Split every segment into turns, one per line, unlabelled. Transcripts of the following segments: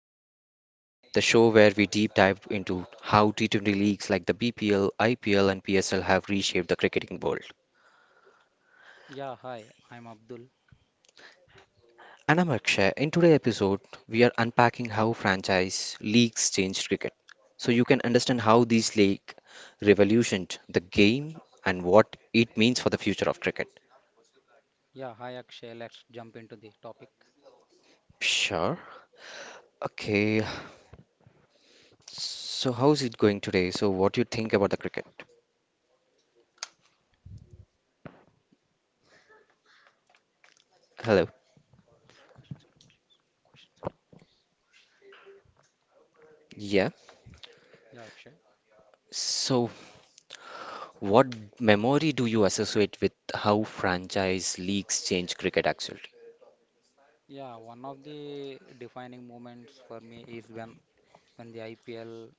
Change Cricket, the show where we deep dive into how T20 leagues like the BPL, IPL, and PSL have reshaped the cricketing world.
Yeah, hi, I'm Abdul.
And I'm Akshay. In today's episode, we are unpacking how franchise leagues changed cricket, so you can understand how these league revolutioned the game and what it means for the future of cricket.
Yeah, hi, Akshay. Let's jump into the topic
Sure. Okay. So how's it going today? So what do you think about the cricket? Hello.
questions.
Yeah.
Yeah, Akshay.
So What memory do you associate with how franchise leagues change cricket actually?
Yeah, one of the defining moments for me is when the IPL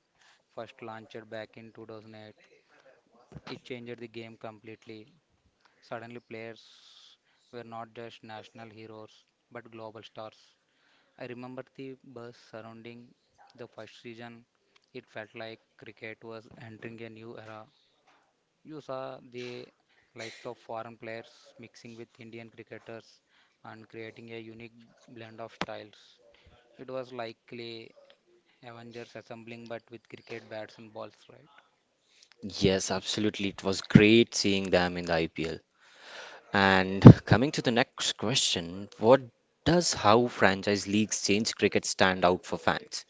first launched back in 2008. It changed the game completely. Suddenly, players were not just national heroes but global stars. I remember the buzz surrounding the first region. It felt like cricket was entering a new era. You saw the likes of foreign players mixing with Indian cricketers and creating a unique blend of styles. It was likely Avengers assembling, but with cricket bats and balls, right?
Yes, absolutely. It was great seeing them in the IPL. And coming to the next question, what does how franchise leagues change cricket stand out for fans?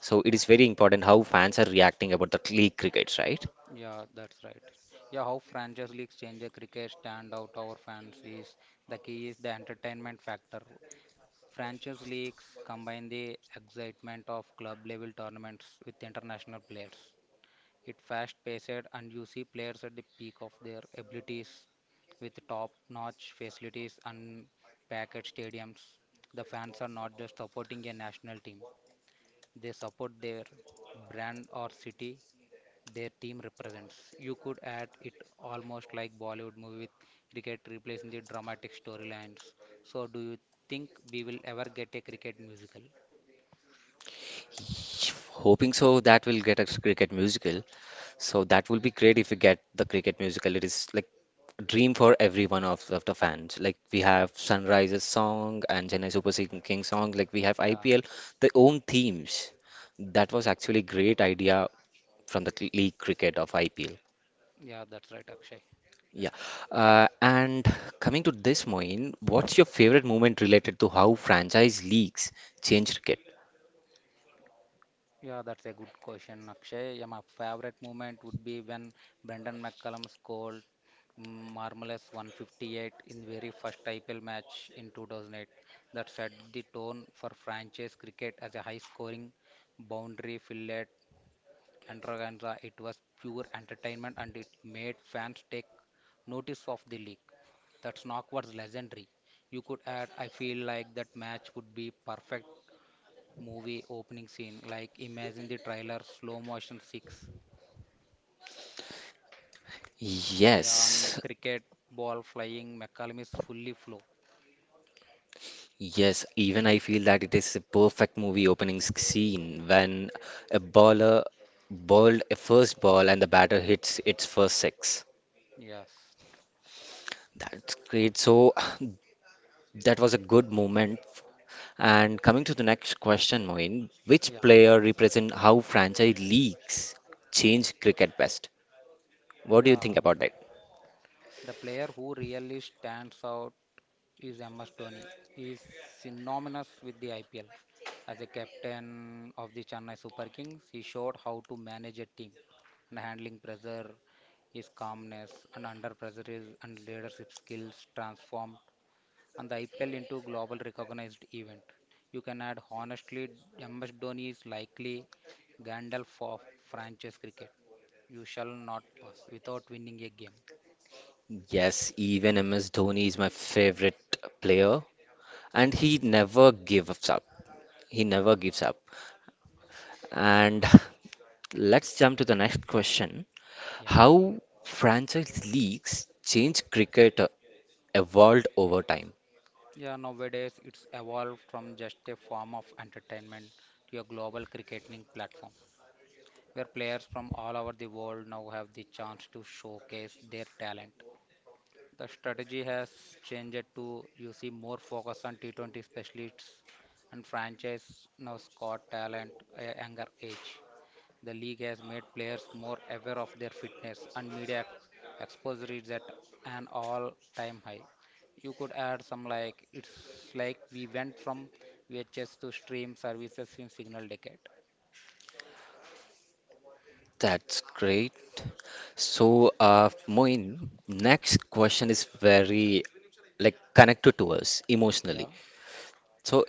So it is very important how fans are reacting about the league crickets, right?
Yeah, that's right. Yeah, how franchise leagues change a cricket stand out our fans is the key is the entertainment factor. Franchise leagues combine the excitement of club level tournaments with international players. It's fast paced and you see players at the peak of their abilities with top notch facilities and packed stadiums. The fans are not just supporting a national team, they support their brand or city their team represents. You could add it almost like Bollywood movie with cricket replacing the dramatic storylines. So do you think we will ever get a cricket musical?
Hoping so that will get a cricket musical. So that will be great if we get the cricket musical. It is like dream for every one of the fans. Like we have Sunrise's song and Chennai Super King song. Like we have
Yeah,
IPL, their own themes. That was actually great idea from the league cricket of IPL.
yeah, that's right, Akshay.
Yeah. And coming to this, Moin, what's your favorite moment related to how franchise leagues change cricket?
Yeah, that's a good question, Akshay. Yeah, my favorite moment would be when Brendan McCullum scored marvelous 158 in very first IPL match in 2008. That set the tone for franchise cricket as a high-scoring, boundary-filled extravaganza. It was pure entertainment and it made fans take notice of the league. That knock was legendary. You could add, I feel like that match would be perfect movie opening scene. Like imagine the trailer, slow motion six, yeah, and
Yes.
cricket ball flying. McCallum is fully flow.
Yes, even I feel that it is a perfect movie opening scene when a bowler bowled a first ball and the batter hits its first six.
Yes,
That's great. So that was a good moment. And coming to the next question, Moin, which
yeah,
player represent how franchise leagues change cricket best? What do you
yeah.
think about that?
The player who really stands out is MS Dhoni. He is synonymous with the IPL. As a captain of the Chennai Super Kings, he showed how to manage a team and handling pressure, his calmness and under pressure is and leadership skills transformed and the IPL into global recognized event. You can add honestly, MS Dhoni is likely Gandalf of franchise cricket. You shall not pass without winning a game.
Yes, even MS Dhoni is my favorite player, and
Yeah,
he never gives up. He never gives up. And let's jump to the next question.
yeah.
How franchise leagues change cricket evolved over time.
Yeah, nowadays it's evolved from just a form of entertainment to a global cricketing platform where players from all over the world now have the chance to showcase their talent. The strategy has changed to you see more focus on T20 specialists and franchise now scout talent at a younger age. The league has made players more aware of their fitness and media exposure is at an all-time high. You could add some like it's like we went from VHS to stream services in signal decade.
That's great. So, Moin, next question is very like connected to us emotionally.
Yeah,
So,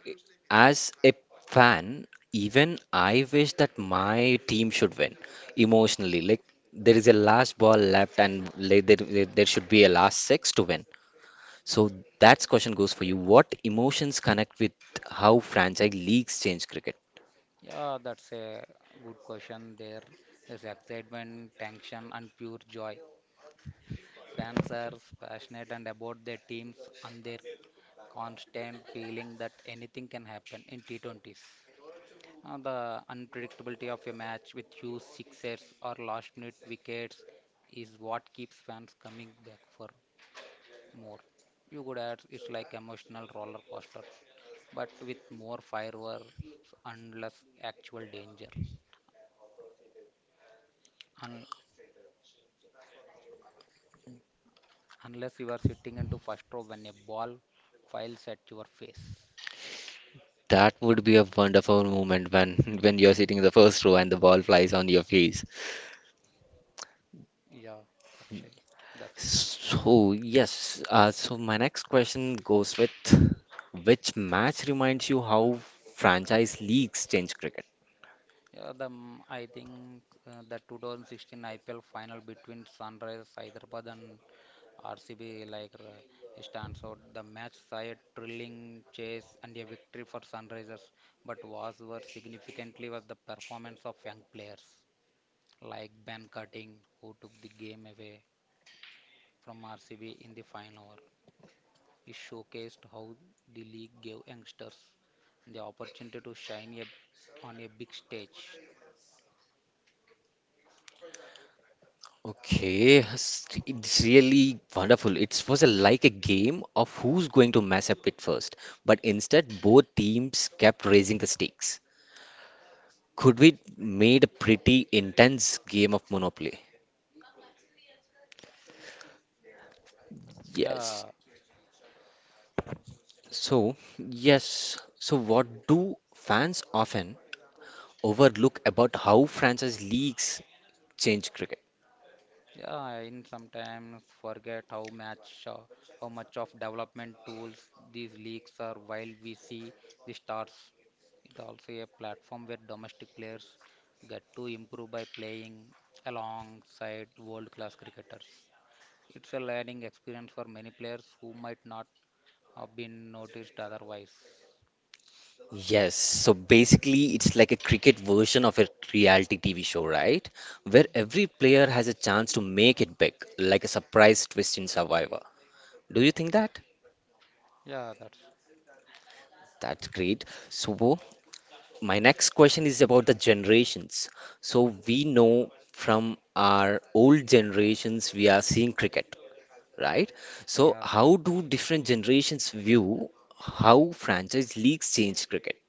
as a fan, even I wish that my team should win emotionally. Like there is a last ball left, and like, there should be a last six to win. So that's question goes for you. What emotions connect with how franchise leagues change cricket?
yeah, that's a good question. There's excitement, tension, and pure joy. Fans are passionate and about their teams and their constant feeling that anything can happen in T20s. The unpredictability of a match with huge sixes or last minute wickets is what keeps fans coming back for more. You could add it's like emotional roller coaster, but with more fireworks and less actual danger. Un- unless you are sitting into first row when a ball files at your face.
That would be a wonderful moment when when you're sitting in the first row and the ball flies on your face.
Yeah, Akshay, that's good.
So yes, so my next question goes with which match reminds you how franchise leagues change cricket?
Yeah, the I think the 2016 IPL final between Sunrise Hyderabad and RCB stands out. The match saw a thrilling chase and a victory for Sunrisers, but was worth significantly was the performance of young players like Ben Cutting, who took the game away from RCB in the final. It showcased how the league gave youngsters the opportunity to shine a, on a big stage.
Okay, it's really wonderful. It was a, like a game of who's going to mess up it first, but instead both teams kept raising the stakes. Could we made a pretty intense game of Monopoly? Yes.
Yeah,
So, yes. So, what do fans often overlook about how franchise leagues change cricket?
yeah. And sometimes forget how much of development tools these leagues are. While we see the stars, it also a platform where domestic players get to improve by playing alongside world-class cricketers. It's a learning experience for many players who might not have been noticed otherwise.
Yes. So basically, it's like a cricket version of a reality TV show, right? Where every player has a chance to make it big, like a surprise twist in Survivor. Do you think that?
Yeah, that's
That's great. So, my next question is about the generations. So we know from our old generations we are seeing cricket, right? So
yeah, right.
how do different generations view how franchise leagues change cricket?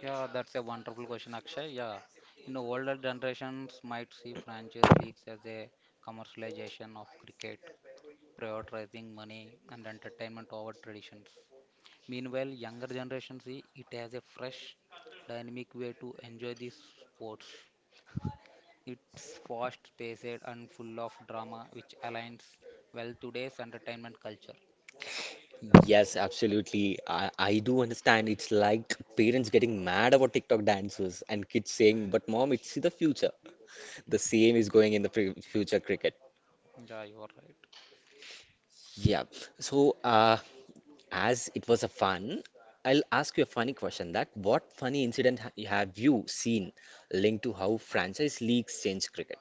Yeah, that's a wonderful question, Akshay. Yeah, you know, older generations might see franchise leagues as a commercialization of cricket, prioritizing money and entertainment over traditions. Meanwhile, younger generations see it as a fresh, dynamic way to enjoy these sports. It's fast-paced and full of drama, which aligns well today's entertainment culture.
Yes, absolutely. I do understand. It's like parents getting mad about TikTok dancers and kids saying, but mom, it's the future. The same is going in the pre future cricket.
Yeah, you are right.
Yeah. So, uh, As it was a fun, I'll ask you a funny question that what funny incident have you seen linked to how franchise leagues change cricket?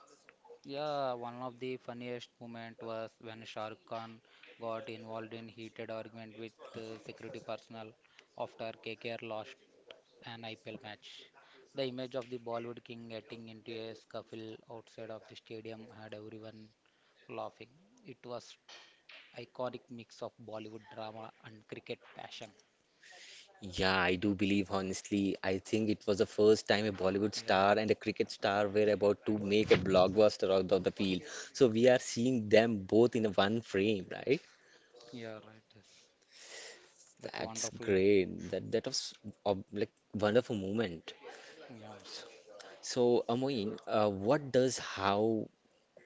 Yeah, one of the funniest moment was when Shah Rukh Khan got involved in heated argument with security personnel after KKR lost an IPL match. The image of the Bollywood king getting into a scuffle outside of the stadium had everyone laughing. It was iconic mix of Bollywood drama and cricket passion.
Yeah, I do believe honestly. I think it was the first time a Bollywood
Yeah,
star and a cricket star were about to make a blockbuster out of the field. So we are seeing them both in one frame, right?
yeah, right. Yes. That's
That's
wonderful.
great. That was a like wonderful moment.
Yeah.
So Amoyin, what does how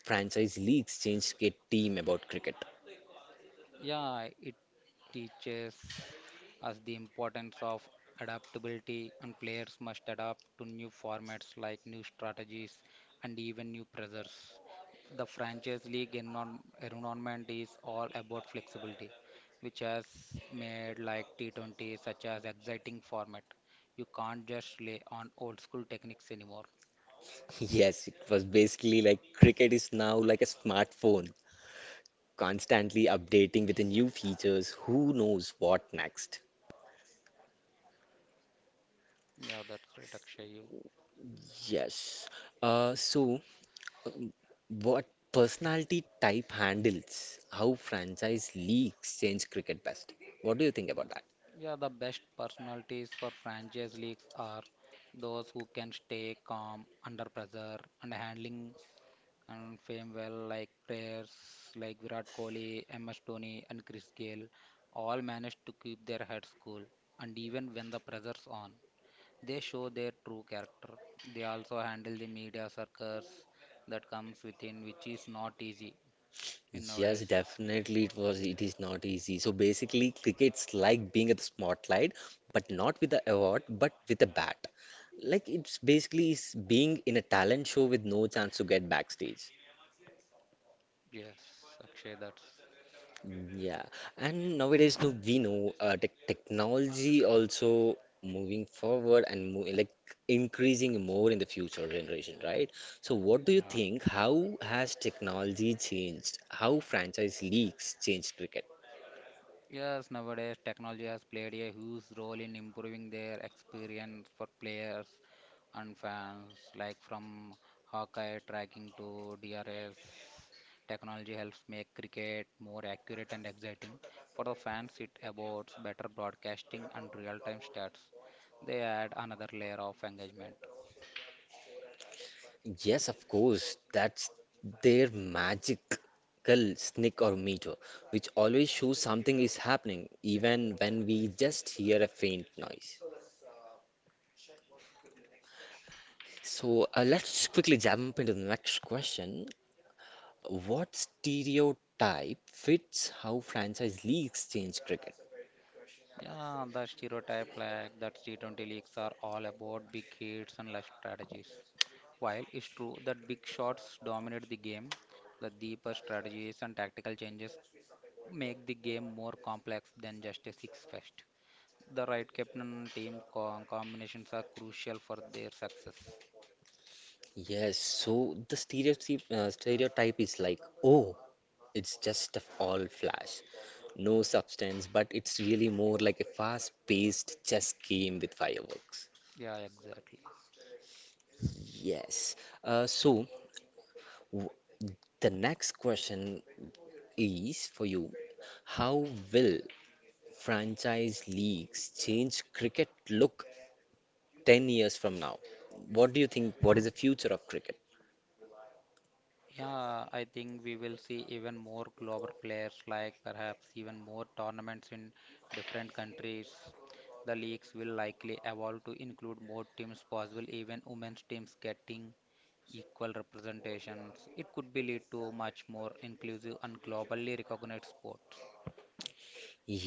franchise leagues change a team about cricket?
Yeah, it teaches us the importance of adaptability, and players must adapt to new formats like new strategies and even new pressures. The franchise league environment is all about flexibility, which has made like T20 such as exciting format. You can't just rely on old school techniques anymore.
Yes, it was basically like cricket is now like a smartphone, constantly updating with the new features. Who knows what next?
Yeah, that's right, Akshay. You
Yes. So, what personality type handles how franchise leagues change cricket best? What do you think about
yeah,
that?
yeah, the best personalities for franchise leagues are those who can stay calm under pressure and handling and fame well, like players like Virat Kohli, MS Dhoni, and Chris Gayle, all manage to keep their heads cool. And even when the pressure's on, they show their true character. They also handle the media circus that comes within, which is not easy in
Yes,
nowadays.
definitely it is not easy. So basically cricket's like being at the spotlight, but not with the award, but with a bat. Like it's basically is being in a talent show with no chance to get backstage.
Yes, Akshay, that's
Yeah. And nowadays no, we know technology also moving forward and mo like increasing more in the future generation, right? So what do you
yeah.
think? How has technology changed? How franchise leagues changed cricket?
Yes, nowadays technology has played a huge role in improving their experience for players and fans, like from Hawkeye tracking to DRS. Technology helps make cricket more accurate and exciting. For the fans, it affords better broadcasting and real-time stats. They add another layer of engagement.
Yes, of course. That's their magical snick or meter, which always shows something is happening, even when we just hear a faint noise. So let's quickly jump into the next question. What stereotype fits how franchise leagues change cricket?
Yeah, the stereotype like that T20 leagues are all about big hits and less strategies. While it's true that big shots dominate the game, the deeper strategies and tactical changes make the game more complex than just a six fest. The right captain and team combinations are crucial for their success.
Yes, so the stereotype is like, oh, it's just a fall flash. No substance, but it's really more like a fast-paced chess game with fireworks.
Yeah, exactly.
Yes. So w the next question is for you. How will franchise leagues change cricket look 10 years from now? What do you think? What is the future of cricket?
Yeah, I think we will see even more global players, like perhaps even more tournaments in different countries. The leagues will likely evolve to include more teams possible even women's teams getting equal representations. It could be lead to much more inclusive and globally recognized sports.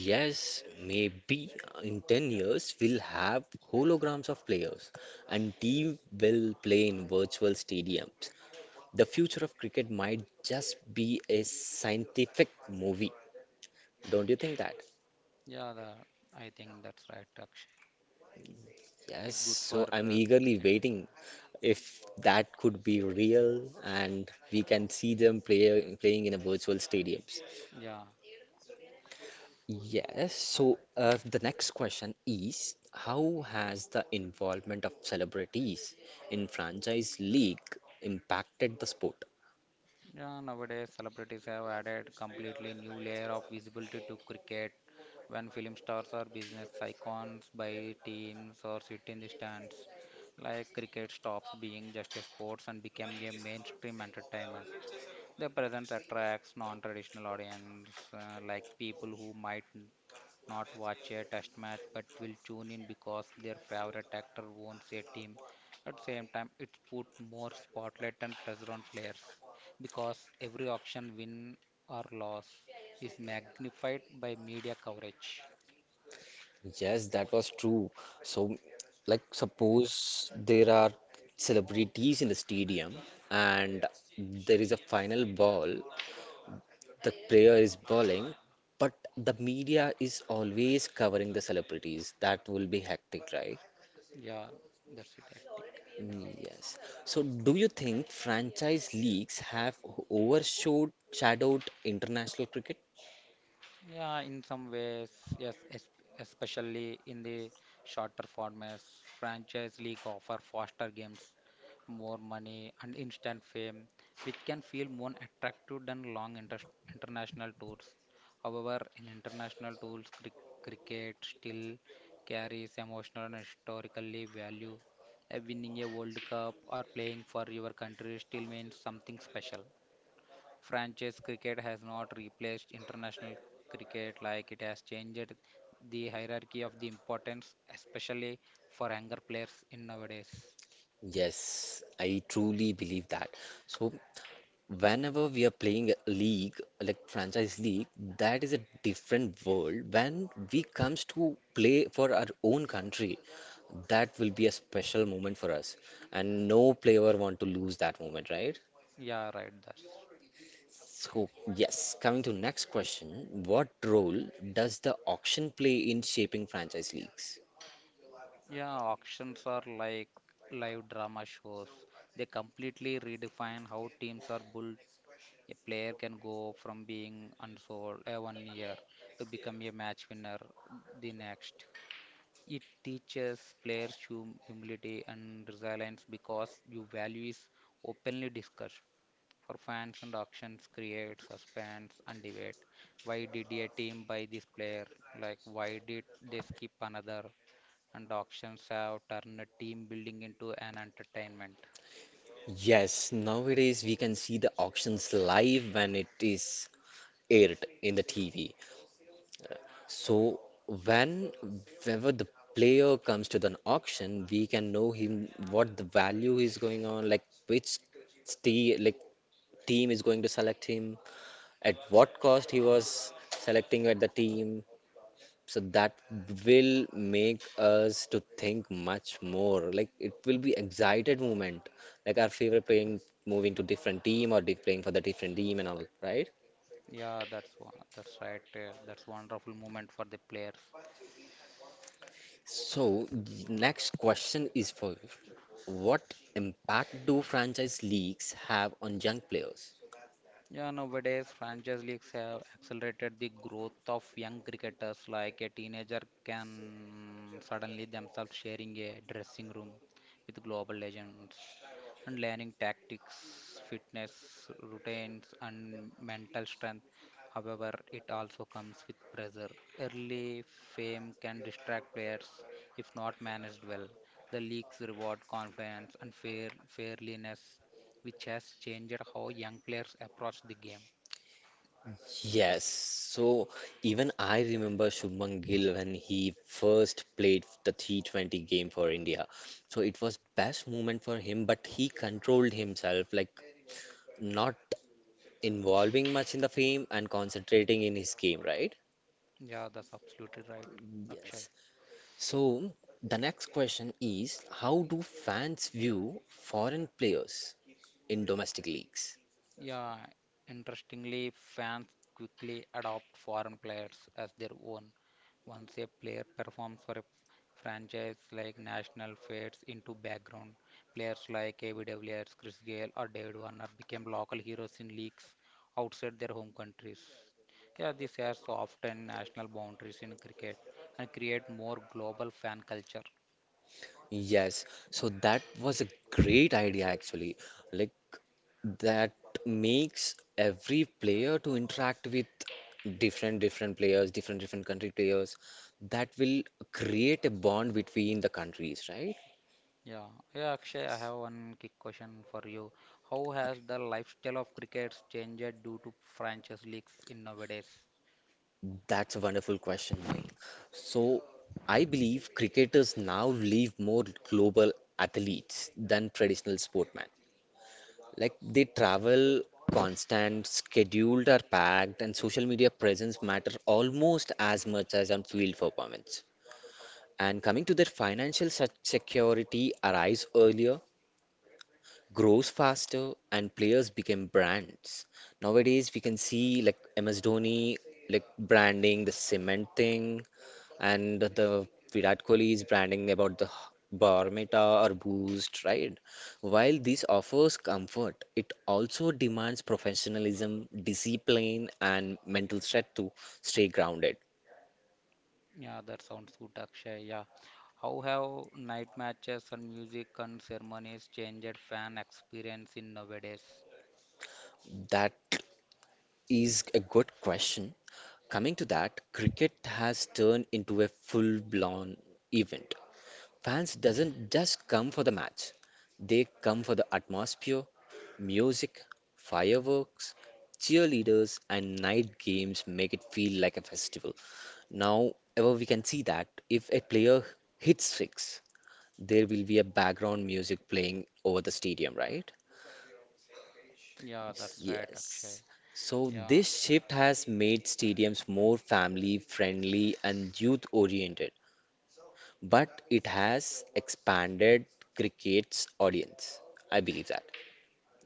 Yes, maybe in 10 years we'll have holograms of players and team will play in virtual stadiums. The future of cricket might just be a scientific movie. Don't you think that?
Yeah, the, I think that's right, Akshay.
Yes,
It's good for
so I'm eagerly
cricket.
waiting if that could be real and we can see them playing in a virtual stadiums.
Yeah.
Yes, so the next question is how has the involvement of celebrities in franchise league impacted the sport?
Yeah, nowadays celebrities have added completely new layer of visibility to cricket. When film stars or business icons buy teams or sit in the stands. Like cricket stops being just a sports and became a mainstream entertainment. Their presence attracts non-traditional audience, like people who might not watch a test match but will tune in because their favorite actor owns a team. At the same time, it put more spotlight and pressure on players because every auction win or loss is magnified by media coverage.
Yes, that was true. So, like, suppose there are celebrities in the stadium and there is a final ball, the player is bowling, but the media is always covering the celebrities. That will be hectic, right?
Yeah, that's it, hectic.
Mm, yes. So, do you think franchise leagues have overshadowed shadowed international cricket?
Yeah, in some ways, yes, especially in the shorter formats, franchise league offer faster games, more money, and instant fame, which can feel more attractive than long international tours. However, in international tours, cricket still carries emotional and historically value. Winning a World Cup or playing for your country still means something special. Franchise cricket has not replaced international cricket like it has changed the hierarchy of the importance, especially for younger players in nowadays.
Yes, I truly believe that. So, whenever we are playing a league like franchise league, that is a different world when we comes to play for our own country, that will be a special moment for us and no player want to lose that moment, right?
Yeah, right. That's
So yes, coming to next question, what role does the auction play in shaping franchise leagues?
yeah. Auctions are like live drama shows. They completely redefine how teams are built. A player can go from being unsold one year to become a match winner the next. It teaches players humility and resilience because your value is openly discussed. For fans and auctions create suspense and debate. Why did a team buy this player? Like why did they skip another? And auctions have turned team building into an entertainment.
Yes, nowadays we can see the auctions live when it is aired in the TV. So when whenever the player comes to the auction, we can know him what the value is going on, like which tea, like team is going to select him, at what cost he was selecting at the team. So that will make us to think much more. Like it will be excited moment, like our favorite playing moving to different team or playing for the different team and all, right?
Yeah, that's one, that's right. That's wonderful moment for the players.
So, the next question is for you. What impact do franchise leagues have on young players?
Yeah, nowadays franchise leagues have accelerated the growth of young cricketers. Like a teenager can suddenly themselves sharing a dressing room with global legends and learning tactics, fitness routines, and mental strength. However, it also comes with pressure. Early fame can distract players if not managed well. The leagues reward confidence and fair fairliness which has changed how young players approach the game.
Yes, so even I remember Shubman Gill when he first played the T20 game for India. So it was best moment for him, but he controlled himself, like not involving much in the fame and concentrating in his game, right?
Yeah, that's absolutely right, Akshay.
Yes. So the next question is, how do fans view foreign players
You
in domestic leagues?
yeah, interestingly, fans quickly adopt foreign players as their own. Once a player performs for a franchise like National fades into background. Players like AV de Villiers, Chris Gale, or David Warner became local heroes in leagues outside their home countries. Yeah, this has often national boundaries in cricket and create more global fan culture.
Yes, so that was a great idea actually. Like that makes every player to interact with different different players, different different country players. That will create a bond between the countries, right?
Yeah, yeah, Akshay, I have one quick question for you. How has the lifestyle of cricket changed due to franchise leagues in nowadays?
That's a wonderful question, Moin. So I believe cricketers now live more global athletes than traditional sportmen. Like they travel constant, scheduled are packed, and social media presence matter almost as much as on field performance. And coming to their financial security arrives earlier, grows faster and players became brands. Nowadays, we can see like MS Dhoni like branding the cement thing, and the Virat Kohli is branding about the Barmeta or Boost, right? While this offers comfort, it also demands professionalism, discipline, and mental strength to stay grounded.
Yeah, that sounds good, Akshay. Yeah. How have night matches and music and ceremonies changed fan experience in nowadays?
That is a good question. Coming to that, cricket has turned into a full-blown event. Fans doesn't just come for the match. They come for the atmosphere, music, fireworks, cheerleaders and night games make it feel like a festival. Now, ever we can see that if a player hits six, there will be a background music playing over the stadium, right?
Yeah, that's right, Akshay.
Yes. So
Yeah,
this shift has made stadiums more family friendly and youth oriented, but it has expanded cricket's audience. I believe that.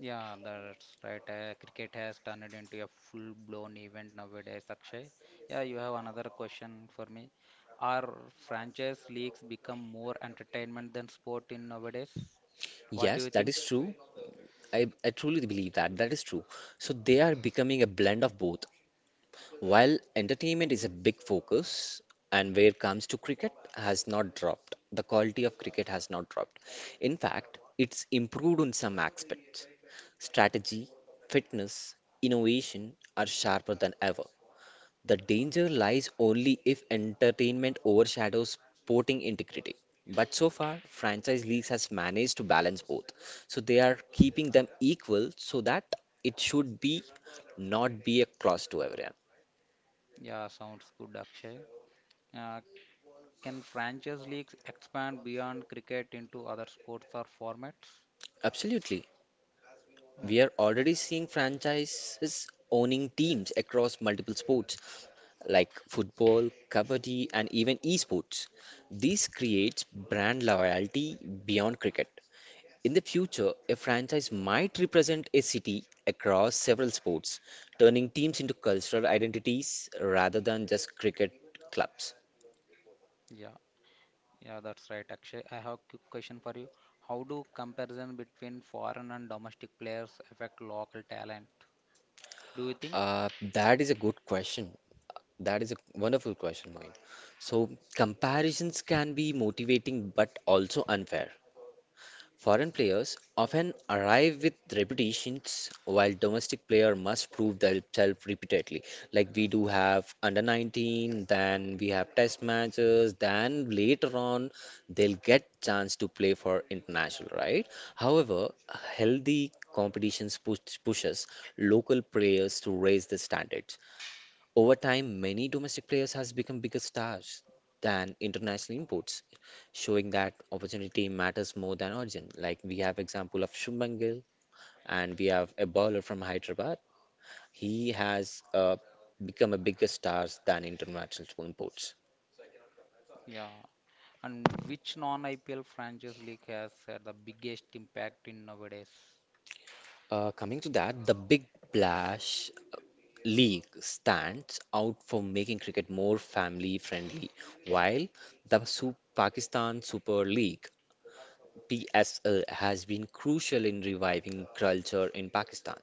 yeah, that's right. Cricket has turned it into a full-blown event nowadays, Akshay. Yeah, you have another question for me. Are franchise leagues become more entertainment than sport in nowadays? What do
Yes,
you
that
think?
is true. I truly believe that. That is true. So they
Yeah,
are becoming a blend of both. While entertainment is a big focus, and where it comes to cricket has not dropped. The quality of cricket has not dropped. In fact, it's improved in some aspects. Strategy, fitness, innovation are sharper than ever. The danger lies only if entertainment overshadows sporting integrity. But so far, franchise leagues has managed to balance both. So they are keeping them equal so that it should be not be a cross to everyone.
yeah, sounds good, Akshay. Uh, can franchise leagues expand beyond cricket into other sports or formats?
Absolutely.
Oh,
We are already seeing franchises owning teams across multiple sports like football, kabaddi, and even esports. This creates brand loyalty beyond cricket. In the future, a franchise might represent a city across several sports, turning teams into cultural identities rather than just cricket clubs.
yeah. Yeah, that's right, Akshay. I have a quick question for you. How do comparison between foreign and domestic players affect local talent? Do you think?
That is a good question. That is a wonderful question, Moin. So, comparisons can be motivating but also unfair. Foreign players often arrive with repetitions, while domestic player must prove themselves repeatedly. Like we do have under 19, then we have test matches, then later on they'll get chance to play for international, right? However, healthy competitions pushes local players to raise the standards. Over time, many domestic players has become bigger stars than international imports, showing that opportunity matters more than origin. Like we have example of Shubman Gill, and we have a bowler from Hyderabad. He has become a bigger stars than international imports.
Yeah. And which non-IPL franchise league has had the biggest impact in nowadays?
Coming to that, the Big Bash League stands out for making cricket more family friendly, while the Pakistan Super League PSL has been crucial in reviving culture in Pakistan.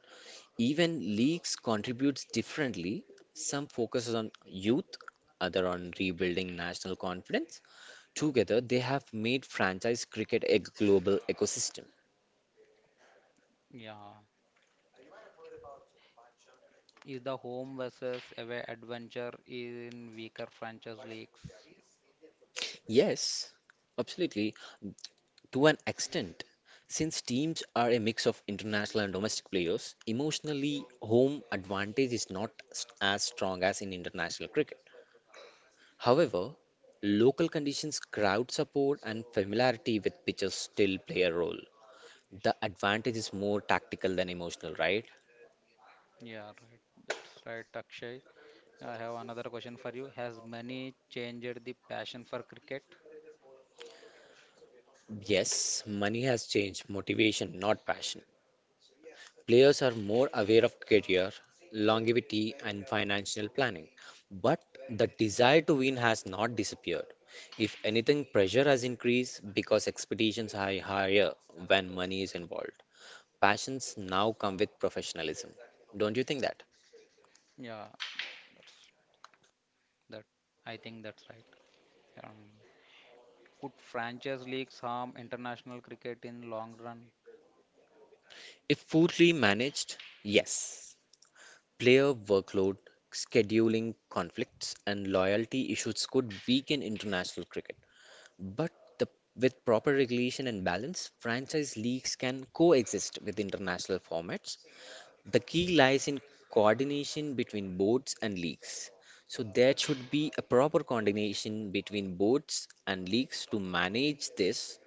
Even leagues contributes differently. Some focuses on youth, other on rebuilding national confidence. Together, they have made franchise cricket a global ecosystem.
Yeah. Is the home versus away adventure in weaker franchise leagues?
Yes, absolutely, to an extent. Since teams are a mix of international and domestic players, emotionally, home advantage is not as strong as in international cricket. However, local conditions, crowd support, and familiarity with pitches still play a role. The advantage is more tactical than emotional, right?
Yeah, right. That's right, Akshay. I have another question for you. Has money changed the passion for cricket?
Yes, money has changed motivation, not passion. Players are more aware of career, longevity, and financial planning. But the desire to win has not disappeared. If anything, pressure has increased because expectations are higher when money is involved. Passions now come with professionalism. Don't you think that?
Yeah, that's that. I think that's right. Um, could franchise leagues harm international cricket in long run?
If poorly managed, yes, player workload, scheduling conflicts, and loyalty issues could weaken international cricket. But the, with proper regulation and balance, franchise leagues can coexist with international formats. The key lies in coordination between boards and leagues. So, there should be a proper coordination between boards and leagues to manage this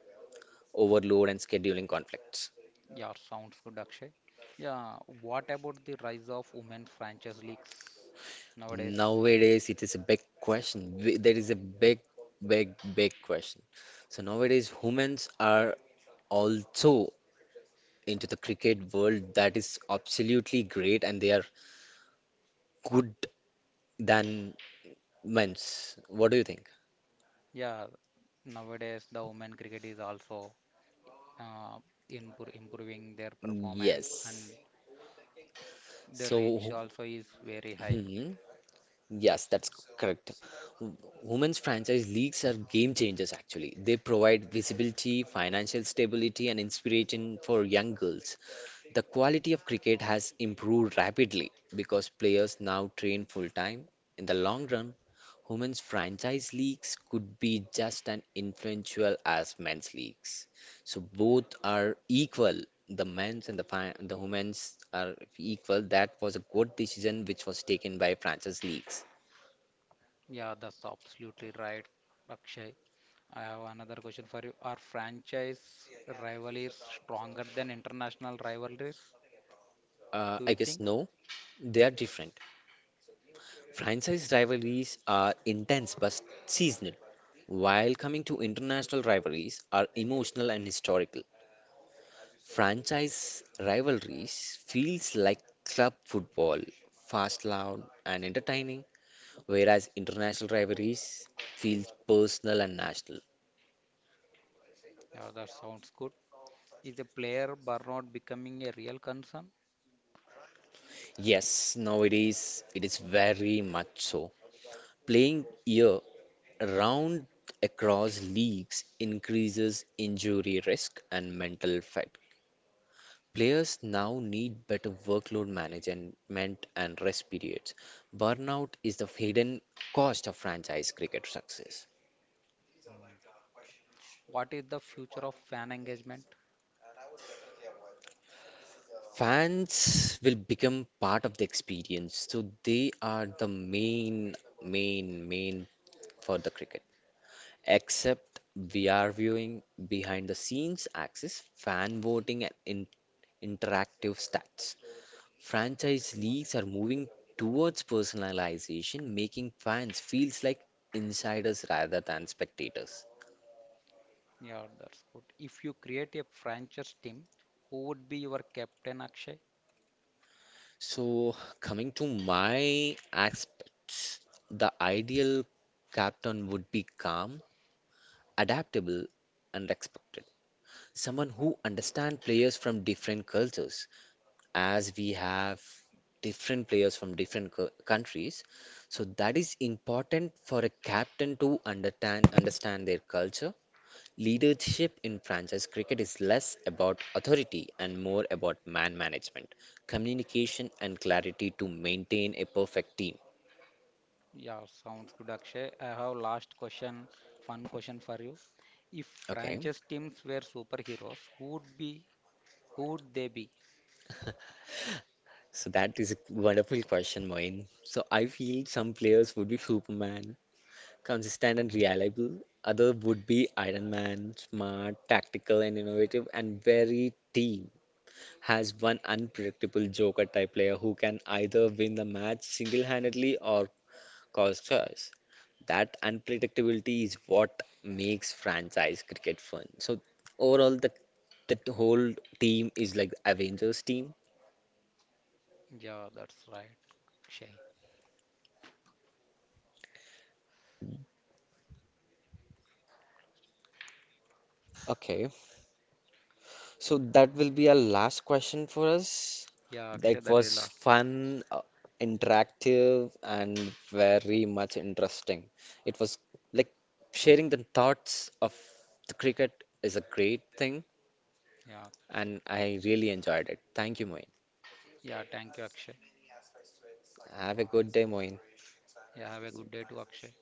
overload and scheduling conflicts.
Yeah, sounds good, Akshay. Yeah, what about the rise of women franchise leagues nowadays?
Nowadays, it is a big question. There is a big question. So nowadays, humans are also into the cricket world that is absolutely great and they are good than men's. What do you think?
Yeah, nowadays the women cricket is also uh, improving their performance
Yes.
and the reach
So,
also is very high.
hmm, yes, that's correct. W- Women's franchise leagues are game changers actually. They provide visibility, financial stability, and inspiration for young girls. The quality of cricket has improved rapidly because players now train full time. In the long run, women's franchise leagues could be just as influential as men's leagues. So both are equal. The men's and the the women's are equal. That was a good decision which was taken by franchise leagues.
Yeah, that's absolutely right, Akshay. I have another question for you. Are franchise rivalries stronger than international rivalries? Do
I
you
guess
think?
no, they are different. Franchise rivalries are intense but seasonal, while coming to international rivalries are emotional and historical. Franchise rivalries feels like club football, fast, loud, and entertaining, whereas international rivalries feels personal and national.
Yeah, that sounds good. Is the player burnout becoming a real concern?
Yes, nowadays it is very much so. Playing year round across leagues increases injury risk and mental fatigue. Players now need better workload management and rest periods. Burnout is the hidden cost of franchise cricket success.
Mm. What is the future of fan engagement?
Fans will become part of the experience, so they are the main for the cricket. Except we are viewing behind the scenes access, fan voting, and in interactive stats. Franchise leagues are moving towards personalization, making fans feels like insiders rather than spectators.
Yeah, that's good. If you create a franchise team, who would be your captain, Akshay?
So, coming to my aspects, the ideal captain would be calm, adaptable, and respected. Someone who understands players from different cultures, as we have different players from different countries. So that is important for a captain to understand their culture. Leadership in franchise cricket is less about authority and more about man management, communication, and clarity to maintain a perfect team.
Yeah, sounds good, Akshay. I have last question, fun question for you. If
Okay,
franchise teams were superheroes, who would be, who would they be?
so that is a wonderful question, Moin. So I feel some players would be Superman, consistent and reliable. Other would be Iron Man, smart, tactical, and innovative, and very team. Has one unpredictable Joker type player who can either win the match single handedly or cause choice. That unpredictability is what makes franchise cricket fun. So overall, the whole team is like the Avengers team.
Yeah, that's right, Akshay.
Okay, so that will be our last question for us.
Yeah, Akshay,
That
that is
was
last.
fun, interactive, and very much interesting. It was like sharing the thoughts of the cricket is a great thing,
Yeah, that's,
and I really enjoyed it. Thank you, Moin.
yeah, thank you, Akshay.
Have a good day, Moin.
Yeah, have a good day to Akshay.